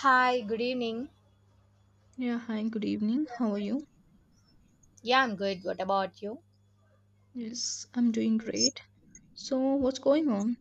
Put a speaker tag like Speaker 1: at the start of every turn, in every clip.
Speaker 1: Hi, good evening.
Speaker 2: Yeah, hi, good evening. How are you?
Speaker 1: Yeah, I'm good. What about you?
Speaker 2: Yes, I'm doing great. So, what's going on?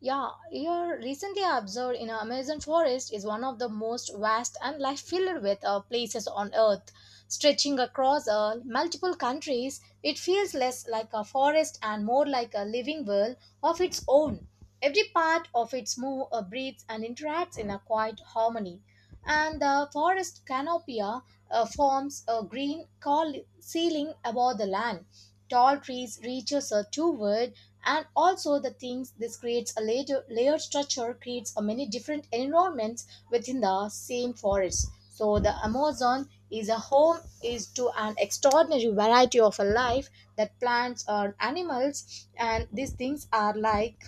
Speaker 1: Yeah, here recently I observed in Amazon forest is one of the most vast and life filled with places on earth. Stretching across multiple countries, it feels less like a forest and more like a living world of its own. Every part of its move, breathes, and interacts in a quiet harmony. And the forest canopia forms a green ceiling above the land. Tall trees reaches toward, and also the things this creates a layer, layered structure creates a many different environments within the same forest. So the Amazon is a home is to an extraordinary variety of a life that plants or animals and these things are like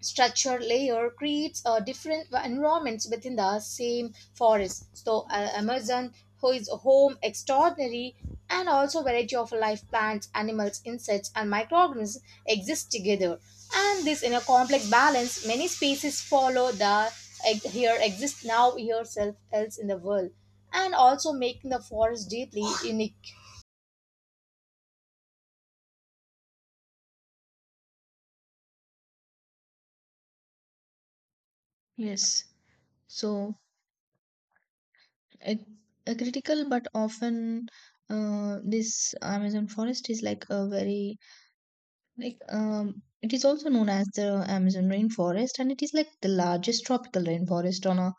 Speaker 1: structure layer creates different environments within the same forest. So Amazon, who is home extraordinary, and also variety of life plants, animals, insects, and microorganisms exist together. And this in a complex balance, many species follow the here exist now yourself else in the world, and also making the forest deeply unique.
Speaker 2: Yes. So, a, a critical but often this Amazon forest is like a very, it is also known as the Amazon rainforest, and it is like the largest tropical rainforest on our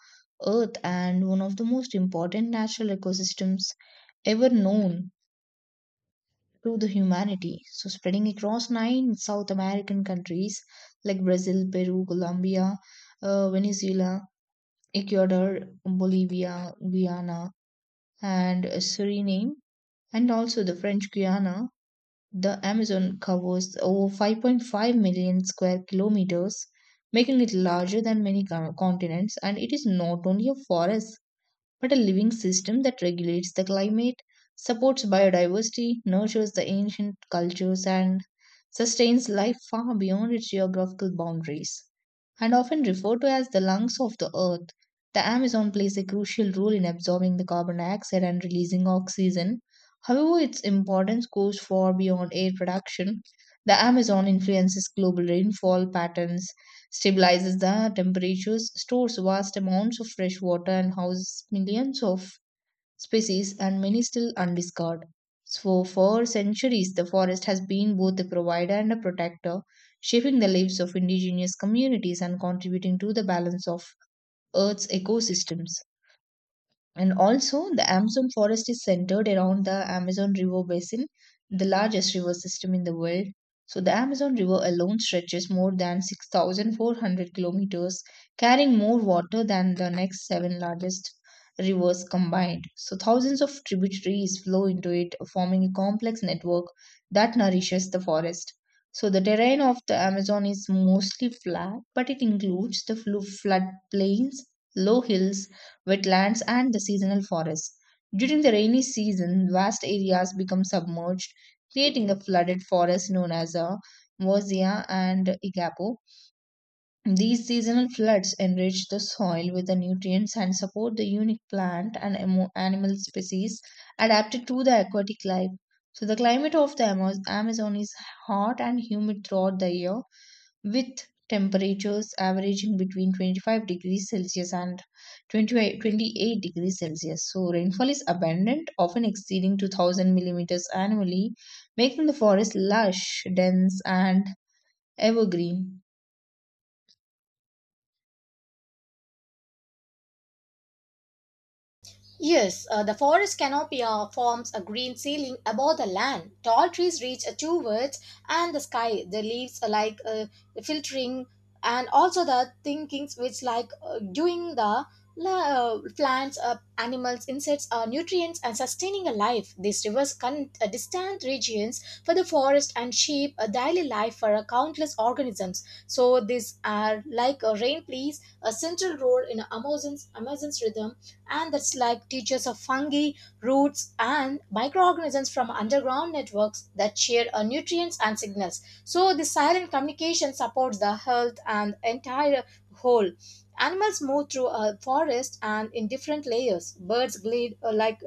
Speaker 2: earth and one of the most important natural ecosystems ever known to the humanity. So, spreading across nine South American countries like Brazil, Peru, Colombia, Venezuela, Ecuador, Bolivia, Guyana, and Suriname, and also the French Guiana. The Amazon covers over 5.5 million square kilometers, making it larger than many continents. And it is not only a forest but a living system that regulates the climate, supports biodiversity, nurtures the ancient cultures, and sustains life far beyond its geographical boundaries. And often referred to as the lungs of the earth, the Amazon plays a crucial role in absorbing the carbon dioxide and releasing oxygen. However, its importance goes far beyond air production. The Amazon influences global rainfall patterns, stabilizes the temperatures, stores vast amounts of fresh water, and houses millions of species, and many still undiscovered. So, for centuries, the forest has been both a provider and a protector, shaping the lives of indigenous communities and contributing to the balance of Earth's ecosystems. And also, the Amazon forest is centered around the Amazon River basin, the largest river system in the world. So, the Amazon River alone stretches more than 6,400 kilometers, carrying more water than the next seven largest rivers combined. So, thousands of tributaries flow into it, forming a complex network that nourishes the forest. So, the terrain of the Amazon is mostly flat, but it includes the flood plains, low hills, wetlands, and the seasonal forests. During the rainy season, vast areas become submerged, creating a flooded forest known as a Mozia and Igapo. These seasonal floods enrich the soil with the nutrients and support the unique plant and animal species adapted to the aquatic life. So, the climate of the Amazon is hot and humid throughout the year, with temperatures averaging between 25 degrees Celsius and 28 degrees Celsius. So, rainfall is abundant, often exceeding 2,000 millimeters annually, making the forest lush, dense, and evergreen.
Speaker 1: Yes, the forest canopy forms a green ceiling above the land. Tall trees reach towards and the sky. The leaves are like filtering, and also the thinkings which like doing the plants, animals, insects, nutrients, and sustaining a life. These rivers distant regions for the forest and shape a daily life for countless organisms. So these are like a rain plays a central role in Amazon's rhythm and that's like teachers of fungi, roots, and microorganisms from underground networks that share nutrients and signals. So the silent communication supports the health and entire whole. Animals move through a forest and in different layers.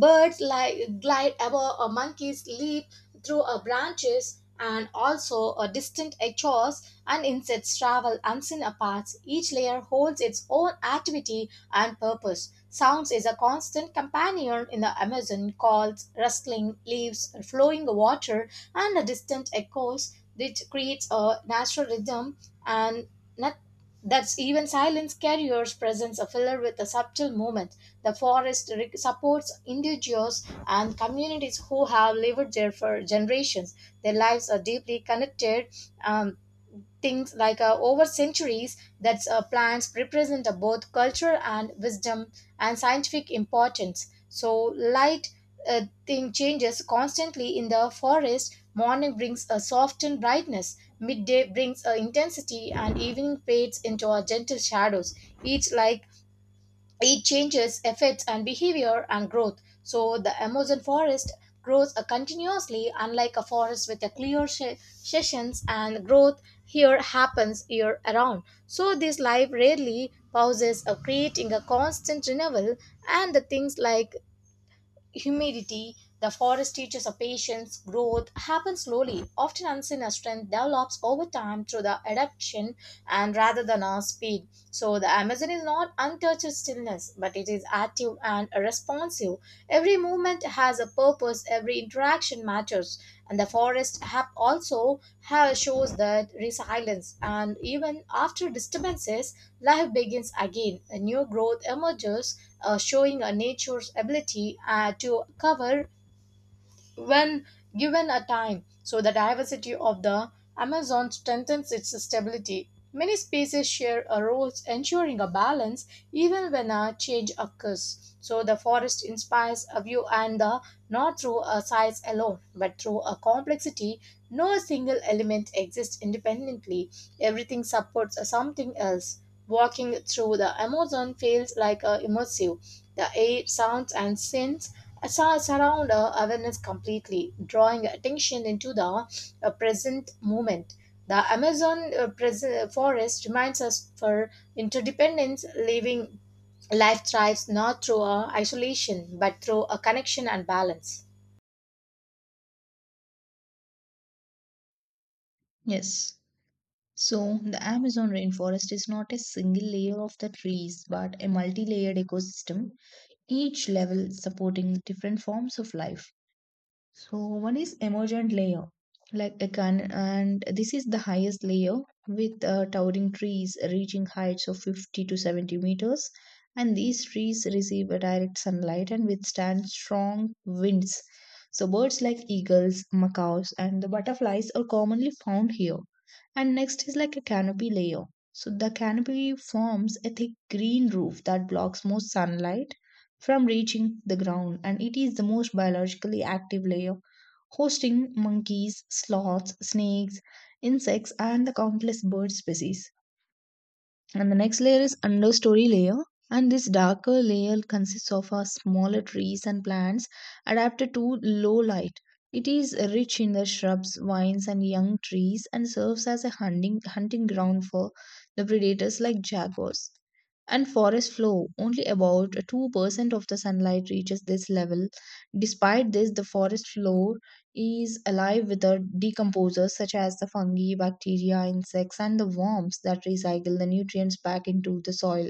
Speaker 1: Birds like glide above or monkeys leap through a branches and also a distant echoes and insects travel unseen paths. Each layer holds its own activity and purpose. Sounds is a constant companion in the Amazon calls rustling leaves, flowing water, and the distant echoes, which creates a natural rhythm and not, that's even silence carriers presence a filler with a subtle movement. The forest supports individuals and communities who have lived there for generations. Their lives are deeply connected. Um, things like over centuries that plants represent both culture and wisdom and scientific importance. So light thing changes constantly in the forest. Morning brings a softened brightness, midday brings a intensity, and evening fades into a gentle shadows. Each like it changes affects and behavior and growth so the amazon forest grows continuously unlike a forest with a clear sessions and growth here happens year around so this life rarely pauses of creating a constant renewal and the things like humidity, the forest teaches a patience. Growth happens slowly, often unseen as strength develops over time through the adaptation and rather than our speed. So the Amazon is not untouched stillness, but it is active and responsive. Every movement has a purpose, every interaction matters. And the forest have also have shows that resilience and even after disturbances, life begins again. A new growth emerges showing a nature's ability to cover when given a time. So the diversity of the Amazon strengthens its stability. Many species share a role ensuring a balance even when a change occurs. So the forest inspires a view and the not through a size alone, but through a complexity. No single element exists independently. Everything supports something else. Walking through the Amazon feels like a immersive. The air, sounds, and scents surround our awareness completely, drawing attention into the present moment. The Amazon forest reminds us for interdependence, living life thrives not through isolation but through a connection and balance.
Speaker 2: Yes. So, the Amazon rainforest is not a single layer of the trees but a multi layered ecosystem, each level supporting different forms of life. So one is emergent layer, like a can, and this is the highest layer with towering trees reaching heights of 50 to 70 meters. And these trees receive a direct sunlight and withstand strong winds. So birds like eagles, macaws, and the butterflies are commonly found here. And next is like a canopy layer. So the canopy forms a thick green roof that blocks most sunlight from reaching the ground, and it is the most biologically active layer, hosting monkeys, sloths, snakes, insects, and the countless bird species. And the next layer is understory layer, and this darker layer consists of a smaller trees and plants adapted to low light. It is rich in the shrubs, vines and young trees and serves as a hunting ground for the predators like jaguars. And forest floor, only about 2% of the sunlight reaches this level. Despite this, the forest floor is alive with the decomposers such as the fungi, bacteria, insects, and the worms that recycle the nutrients back into the soil.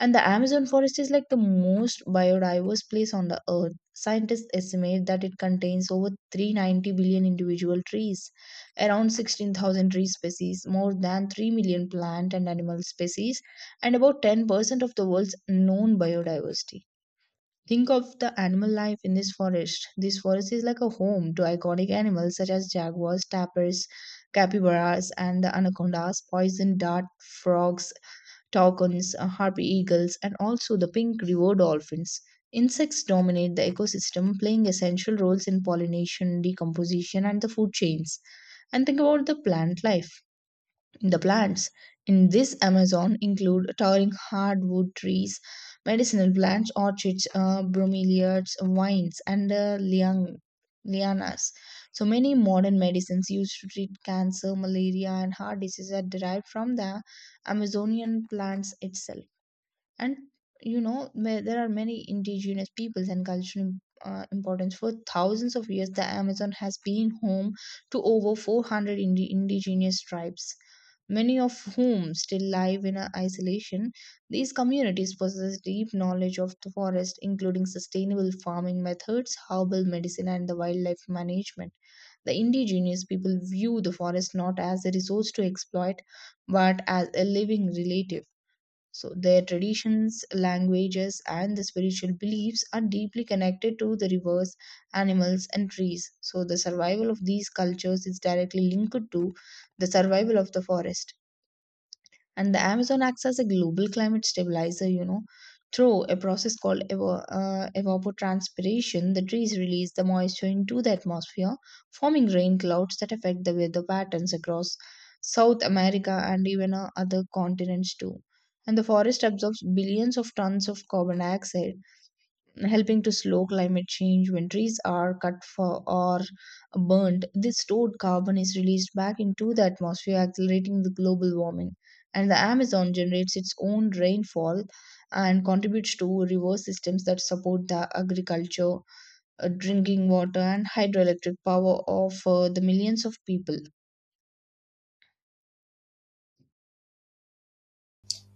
Speaker 2: And the Amazon forest is like the most biodiverse place on the earth. Scientists estimate that it contains over 390 billion individual trees, around 16,000 tree species, more than 3 million plant and animal species, and about 10% of the world's known biodiversity. Think of the animal life in this forest. This forest is like a home to iconic animals such as jaguars, tapirs, capybaras, and the anacondas, poison dart frogs, toucans, harpy eagles, and also the pink river dolphins. Insects dominate the ecosystem, playing essential roles in pollination, decomposition, and the food chains. And think about the plant life. The plants in this Amazon include towering hardwood trees, medicinal plants, orchids, bromeliads, vines, and lianas. So many modern medicines used to treat cancer, malaria, and heart disease are derived from the Amazonian plants itself. And there are many indigenous peoples and cultural importance. For thousands of years, the Amazon has been home to over 400 indigenous tribes, many of whom still live in isolation. These communities possess deep knowledge of the forest, including sustainable farming methods, herbal medicine, and the wildlife management. The indigenous people view the forest not as a resource to exploit, but as a living relative. So their traditions, languages, and the spiritual beliefs are deeply connected to the rivers, animals, and trees. So the survival of these cultures is directly linked to the survival of the forest. And the Amazon acts as a global climate stabilizer, you know. Through a process called evapotranspiration, the trees release the moisture into the atmosphere, forming rain clouds that affect the weather patterns across South America and even other continents too. And the forest absorbs billions of tons of carbon dioxide, helping to slow climate change. When trees are cut for or burnt, this stored carbon is released back into the atmosphere, accelerating the global warming. And the Amazon generates its own rainfall and contributes to river systems that support the agriculture, drinking water and hydroelectric power of the millions of people.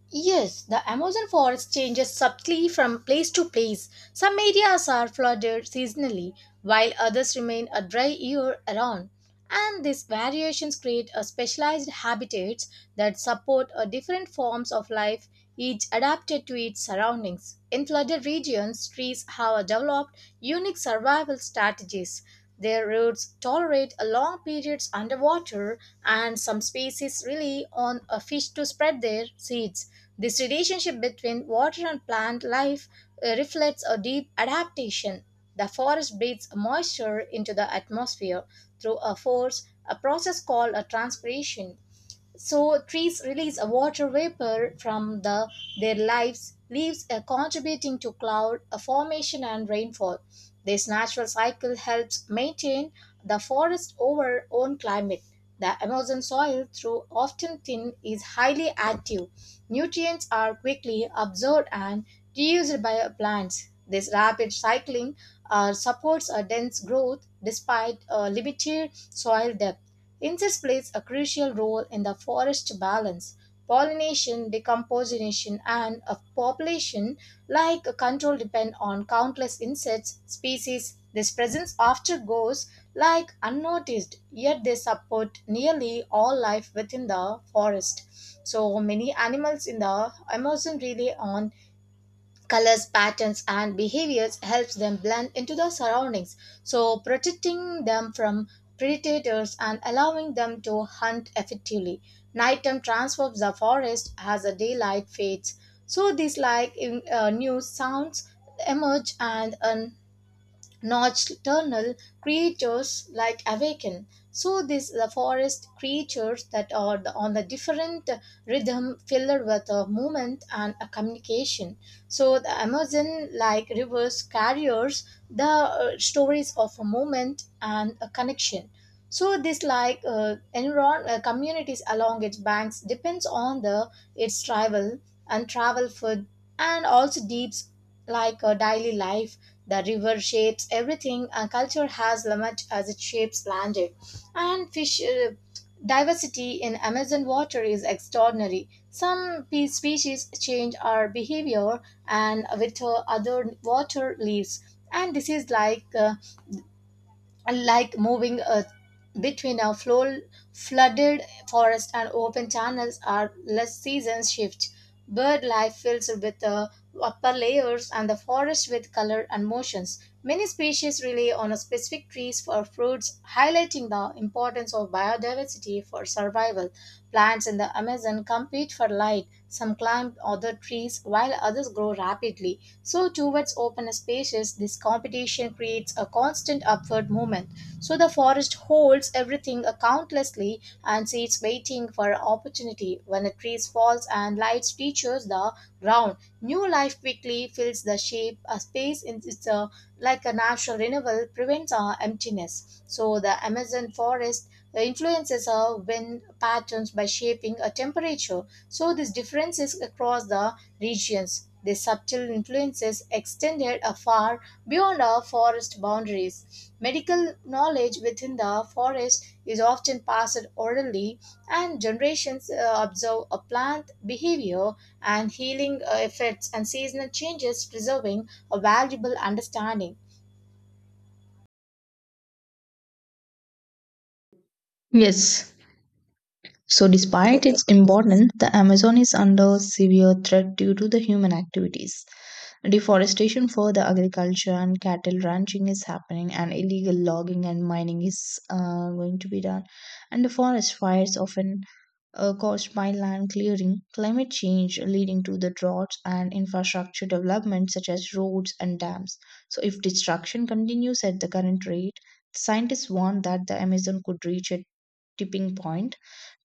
Speaker 1: Yes, the Amazon forest changes subtly from place to place. Some areas are flooded seasonally, while others remain a dry year around. And these variations create a specialized habitats that support a different forms of life each adapted to its surroundings. In flooded regions, trees have developed unique survival strategies. Their roots tolerate long periods underwater, and some species rely on a fish to spread their seeds. This relationship between water and plant life reflects a deep adaptation. The forest breathes moisture into the atmosphere through a process called a transpiration. So trees release a water vapor from the their lives leaves contributing to cloud formation and rainfall. This natural cycle helps maintain the forest over own climate. The Amazon soil, through often thin, is highly active. Nutrients are quickly absorbed and reused by plants. This rapid cycling supports a dense growth despite a limited soil depth. Insects plays a crucial role in the forest balance, pollination, decomposition, and a population like a control depend on countless insects species. This presence often goes like unnoticed, yet they support nearly all life within the forest. So many animals in the Amazon rely on colors patterns and behaviors helps them blend into the surroundings so protecting them from predators and allowing them to hunt effectively nighttime transforms the forest as the daylight fades so these like new sounds emerge and an nocturnal creatures like awaken. So these the forest creatures that are on the different rhythm filled with a movement and a communication. So the Amazon like rivers carriers the stories of a movement and a connection so this like enron communities along its banks depends on the its travel and travel food and also deeps like daily life the river shapes everything and culture has much as it shapes land it. And fish diversity in amazon water is extraordinary some species change our behavior and with other water leaves and this is like moving between flooded forest and open channels are less seasons shift. Bird life fills with the upper layers and the forest with color and motions. Many species rely on a specific trees for fruits, highlighting the importance of biodiversity for survival. Plants in the Amazon compete for light. Some climb other trees while others grow rapidly. So, towards open spaces, this competition creates a constant upward movement. So, the forest holds everything accountlessly and sits waiting for an opportunity. When a tree falls and light reaches the ground, new life quickly fills the shape. A space in it's a, like a natural renewal prevents our emptiness. So, the Amazon forest the influences are wind patterns by shaping a temperature, so these differences across the regions. These subtle influences extended far beyond our forest boundaries. Medical knowledge within the forest is often passed orally, and generations observe a plant behavior and healing effects and seasonal changes, preserving a valuable understanding.
Speaker 2: Yes. So, despite its importance, the Amazon is under severe threat due to the human activities. Deforestation for the agriculture and cattle ranching is happening, and illegal logging and mining is going to be done. And the forest fires often caused by land clearing, climate change leading to the droughts, and infrastructure development such as roads and dams. So, if destruction continues at the current rate, scientists warn that the Amazon could reach a tipping point,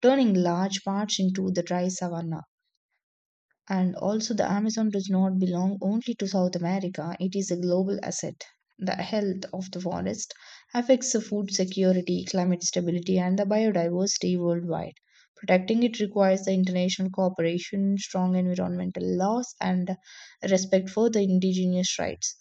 Speaker 2: turning large parts into the dry savanna. And also, the Amazon does not belong only to South America, it is a global asset. The health of the forest affects the food security, climate stability, and the biodiversity worldwide. Protecting it requires the international cooperation, strong environmental laws, and respect for the indigenous rights.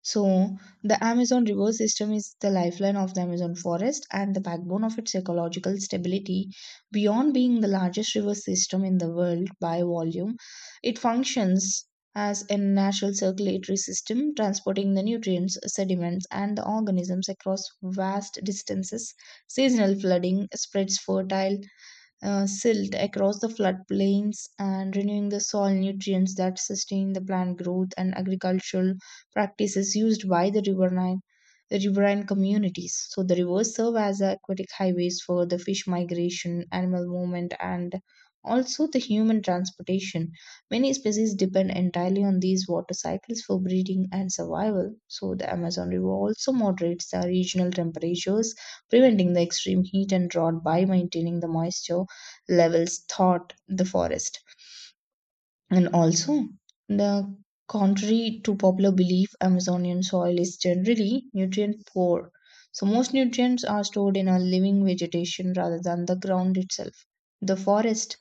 Speaker 2: So, the Amazon river system is the lifeline of the Amazon forest and the backbone of its ecological stability. Beyond being the largest river system in the world by volume, it functions as a natural circulatory system, transporting the nutrients, sediments, and the organisms across vast distances. Seasonal flooding spreads fertile silt across the floodplains and renewing the soil nutrients that sustain the plant growth and agricultural practices used by the the riverine communities. So the rivers serve as aquatic highways for the fish migration, animal movement, and also the human transportation. Many species depend entirely on these water cycles for breeding and survival. So the Amazon River also moderates the regional temperatures, preventing the extreme heat and drought by maintaining the moisture levels thought the forest. And also, the contrary to popular belief, Amazonian soil is generally nutrient poor. So, most nutrients are stored in a living vegetation rather than the ground itself. The forest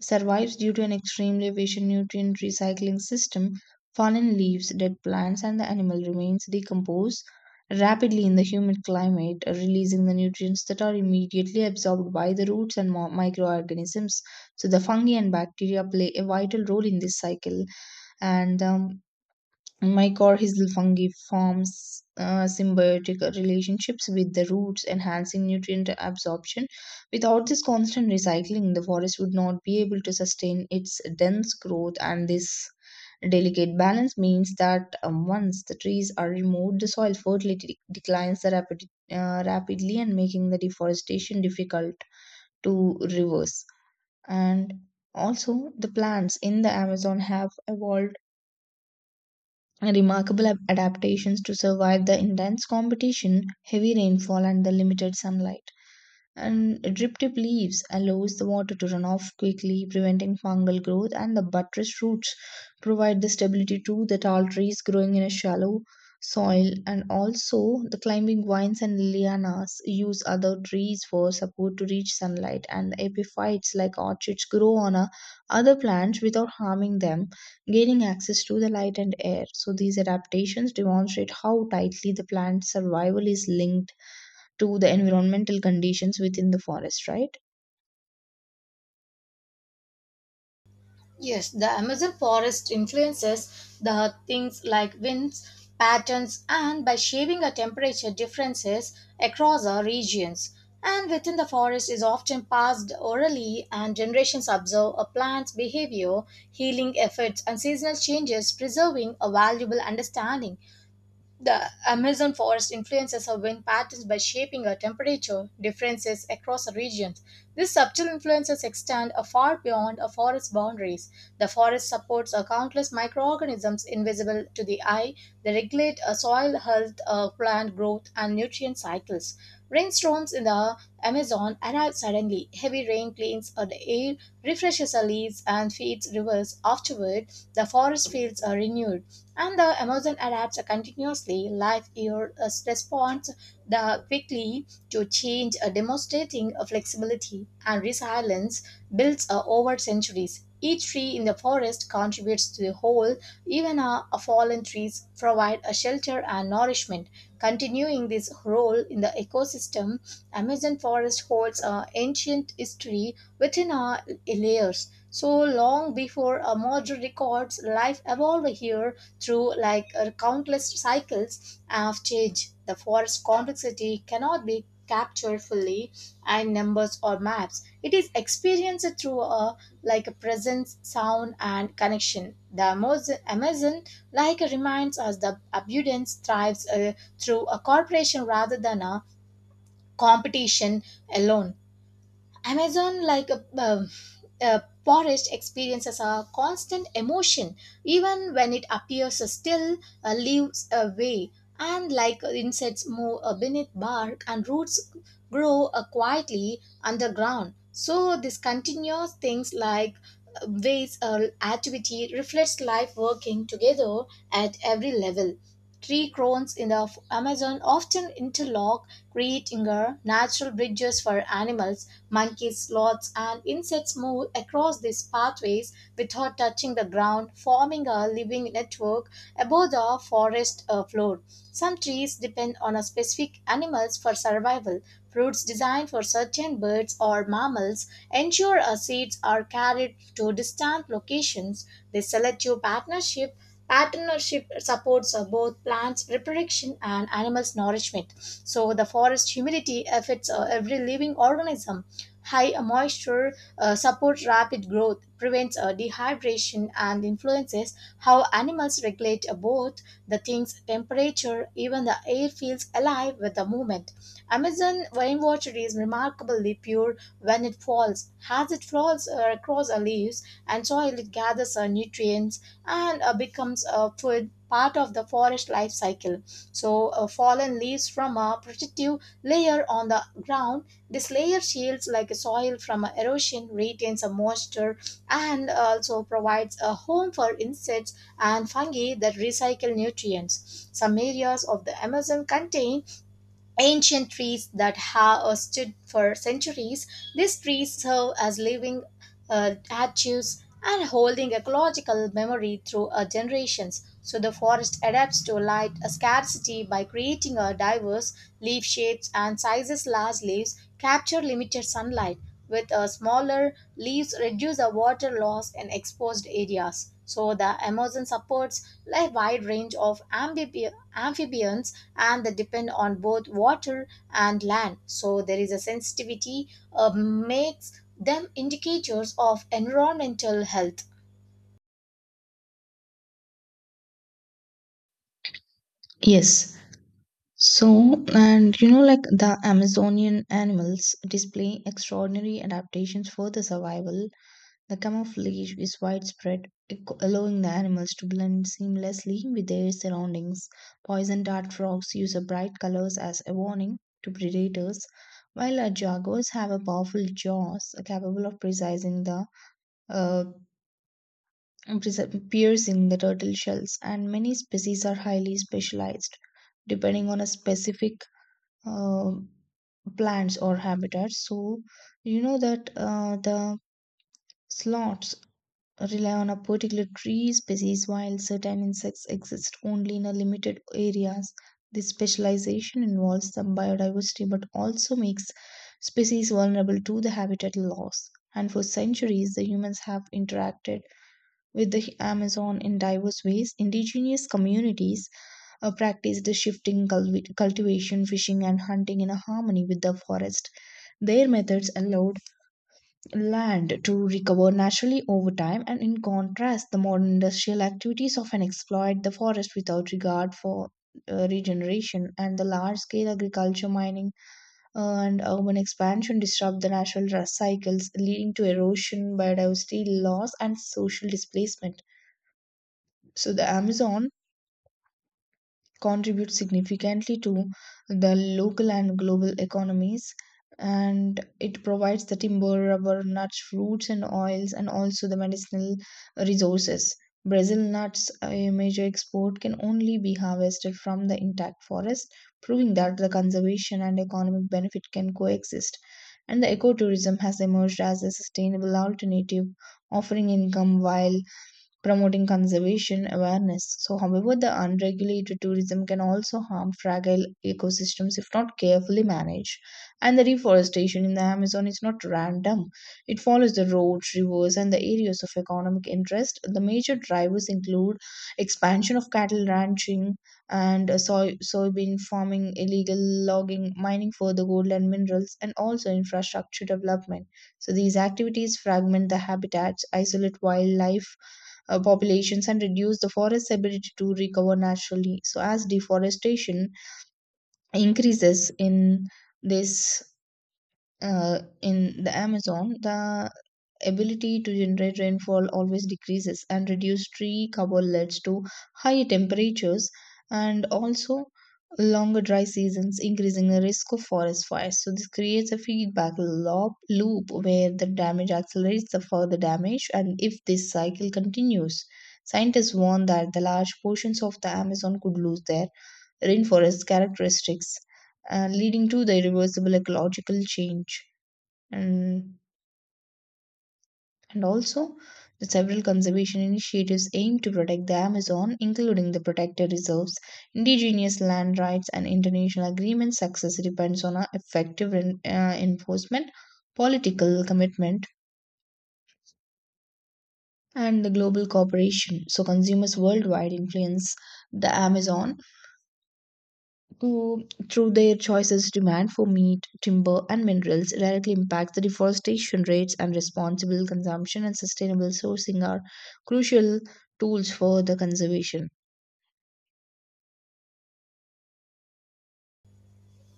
Speaker 2: survives due to an extremely efficient nutrient recycling system. Fallen leaves, dead plants, and the animal remains decompose rapidly in the humid climate, releasing the nutrients that are immediately absorbed by the roots and microorganisms. So, the fungi and bacteria play a vital role in this cycle. And Mycorrhizal fungi forms symbiotic relationships with the roots, enhancing nutrient absorption. Without this constant recycling, the forest would not be able to sustain its dense growth, and this delicate balance means that once the trees are removed, the soil fertility declines rapidly, and making the deforestation difficult to reverse. And also, the plants in the Amazon have evolved remarkable adaptations to survive the intense competition, heavy rainfall, and the limited sunlight. And drip tip leaves allows the water to run off quickly, preventing fungal growth. And the buttress roots provide the stability to the tall trees growing in a shallow soil. And also the climbing vines and lianas use other trees for support to reach sunlight. And the epiphytes like orchids grow on a other plants without harming them, gaining access to the light and air. So these adaptations demonstrate how tightly the plant's survival is linked to the environmental conditions within the forest, right?
Speaker 1: Yes, the Amazon forest influences the things like winds, patterns, and by shaping the temperature differences across our regions. And within the forest is often passed orally, and generations observe a plant's behavior, healing efforts, and seasonal changes, preserving a valuable understanding the Amazon forest influences our wind patterns by shaping our temperature differences across our regions. These subtle influences extend far beyond our forest boundaries. The forest supports our countless microorganisms invisible to the eye. They regulate our soil health, our plant growth, and nutrient cycles. Rainstorms in the Amazon arrive suddenly. Heavy rain cleans out the air, refreshes our leaves, and feeds rivers. Afterward, the forest fields are renewed and the Amazon adapts continuously. Life years responds the quickly to change, demonstrating a flexibility and resilience built over centuries. Each tree in the forest contributes to the whole. Even a fallen trees provide a shelter and nourishment. Continuing this role in the ecosystem, Amazon forest holds ancient history within our layers. So long before a modern records, life evolved here through like countless cycles of change, the forest complexity cannot be captured fully in numbers or maps. It is experienced through a like a presence, sound, and connection. The Amazon like reminds us the abundance thrives through a cooperation rather than a competition alone. Amazon, a forest, experiences a constant emotion, even when it appears still, leaves away, and like insects move beneath bark, and roots grow quietly underground. So this continuous things like ways activity reflects life working together at every level. Tree crones in the Amazon often interlock, creating a natural bridges for animals Monkeys, sloths, and insects move across these pathways without touching the ground, forming a living network above the forest floor. Some trees depend on a specific animals for survival. Fruits designed for certain birds or mammals ensure our seeds are carried to distant locations. This selective Partnership supports both plants' reproduction and animals' nourishment. So, the forest humidity affects every living organism. High moisture supports rapid growth, prevents dehydration, and influences how animals regulate both the thing's temperature. Even the air feels alive with the movement. Amazon rainwater is remarkably pure when it falls. As it flows across the leaves and soil, it gathers nutrients and becomes a food part of the forest life cycle. So, fallen leaves from a protective layer on the ground. This layer shields like a soil from a erosion, retains a moisture, and also provides a home for insects and fungi that recycle nutrients. Some areas of the Amazon contain ancient trees that have stood for centuries. These trees serve as living archives, and holding ecological memory through generations. So the forest adapts to light scarcity by creating a diverse leaf shapes and sizes. Large leaves capture limited sunlight, with smaller leaves reduce the water loss in exposed areas. So the Amazon supports a wide range of amphibians and they depend on both water and land. So there is a sensitivity makes them indicators of environmental health.
Speaker 2: Yes. So, and you know, like the Amazonian animals display extraordinary adaptations for the survival. The camouflage is widespread, allowing the animals to blend seamlessly with their surroundings. Poison dart frogs use a bright colors as a warning to predators, while jaguars have a powerful jaws capable of precising the uh, appears in the turtle shells, and many species are highly specialized depending on a specific uh, plants or habitats. So you know that the sloths rely on a particular tree species, while certain insects exist only in a limited areas. This specialization involves some biodiversity, but also makes species vulnerable to the habitat loss. And for centuries, the humans have interacted with the Amazon in diverse ways. Indigenous communities practice the shifting cultivation, fishing, and hunting in a harmony with the forest. Their methods allowed land to recover naturally over time, and in contrast, the modern industrial activities often exploit the forest without regard for regeneration. And the large scale agriculture, mining, and urban expansion disrupt the natural cycles, leading to erosion, biodiversity loss, and social displacement. So the Amazon contributes significantly to the local and global economies, and it provides the timber, rubber, nuts, fruits and oils, and also the medicinal resources. Brazil nuts, a major export, can only be harvested from the intact forest, proving that the conservation and economic benefit can coexist. And the ecotourism has emerged as a sustainable alternative, offering income while promoting conservation awareness. So, however, the unregulated tourism can also harm fragile ecosystems if not carefully managed. And the reforestation in the Amazon is not random, it follows the roads, rivers, and the areas of economic interest. The major drivers include expansion of cattle ranching and soybean farming, illegal logging, mining for the gold and minerals, and also infrastructure development. So, these activities fragment the habitats, isolate wildlife populations and reduce the forest's ability to recover naturally. So, as deforestation increases in this in the Amazon, the ability to generate rainfall always decreases, and reduced tree cover leads to high temperatures, and also longer dry seasons, increasing the risk of forest fires. So this creates a feedback loop where the damage accelerates the further damage. And if this cycle continues, scientists warn that the large portions of the Amazon could lose their rainforest characteristics, leading to the irreversible ecological change. And and also the several conservation initiatives aim to protect the Amazon, including the protected reserves, indigenous land rights, and international agreements. Success depends on a effective enforcement, political commitment, and the global cooperation. So, consumers worldwide influence the Amazon, who, through their choices, demand for meat, timber, and minerals directly impacts the deforestation rates. And responsible consumption and sustainable sourcing are crucial tools for the conservation.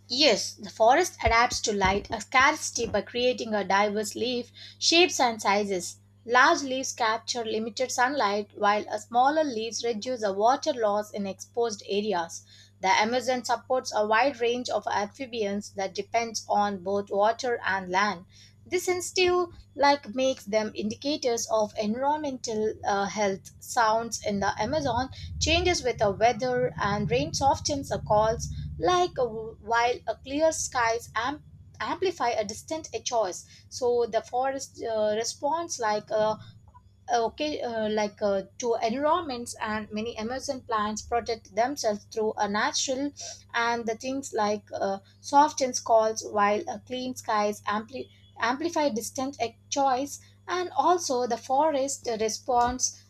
Speaker 1: Yes, the forest adapts to light a scarcity by creating a diverse leaf shapes and sizes. Large leaves capture limited sunlight while a smaller leaves reduce the water loss in exposed areas. The Amazon supports a wide range of amphibians that depends on both water and land. This instill like makes them indicators of environmental health. Sounds in the Amazon changes with the weather and rain softens the calls like a, while a clear skies amplify a distant echoes so the forest responds to environments and many amazon plants protect themselves through a natural and the things softens calls while a clean skies amplify distant echoes and also the forest responds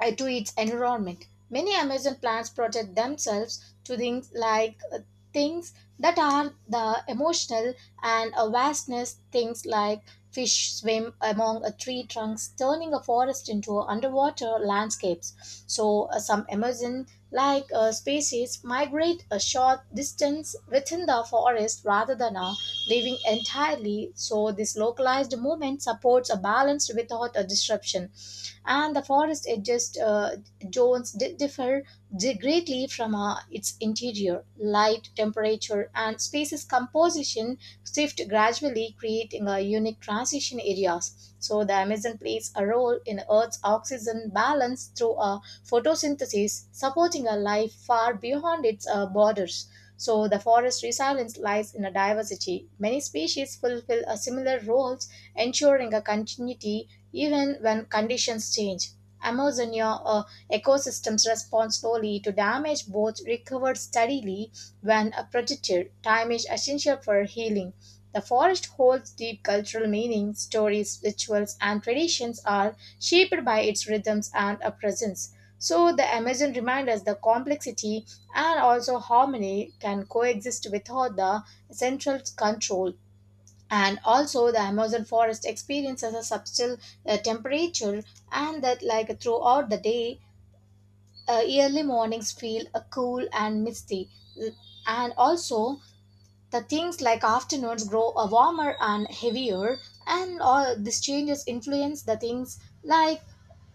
Speaker 1: to its environment. Many Amazon plants protect themselves to things like things that are the emotional and a vastness, things like fish swim among a tree trunks, turning a forest into a underwater landscapes. So some Amazon species migrate a short distance within the forest rather than living entirely. So this localized movement supports a balance without a disruption and the forest edges zones differ greatly from its interior. Light, temperature, and spaces composition shift gradually, creating a unique transition areas. So the Amazon plays a role in Earth's oxygen balance through a photosynthesis, supporting a life far beyond its borders. So the forest resilience lies in a diversity. Many species fulfill a similar roles, ensuring a continuity even when conditions change, Amazonia ecosystems respond slowly to damage, both recover steadily when protected. Time is essential for healing. The forest holds deep cultural meaning. Stories, rituals, and traditions are shaped by its rhythms and presence. So, the Amazon reminds us the complexity and also harmony can coexist without the central control and also the amazon forest experiences a subtle temperature and that like throughout the day early mornings feel cool and misty. Uh, and also the things like afternoons grow warmer and heavier and all these changes influence the things like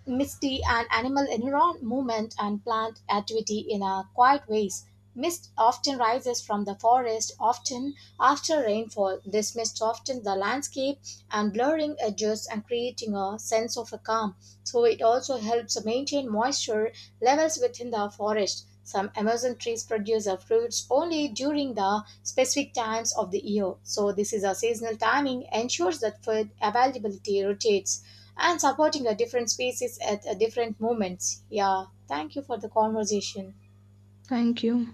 Speaker 1: misty and animal environment movement and plant activity in a quiet ways. Mist often rises from the forest, often after rainfall. This mist softens the landscape and blurring edges and creating a sense of a calm. So it also helps maintain moisture levels within the forest. Some Amazon trees produce their fruits only during the specific times of the year. So this is a seasonal timing ensures that food availability rotates and supporting a different species at a different moments. Yeah, thank you for the conversation.
Speaker 2: Thank you.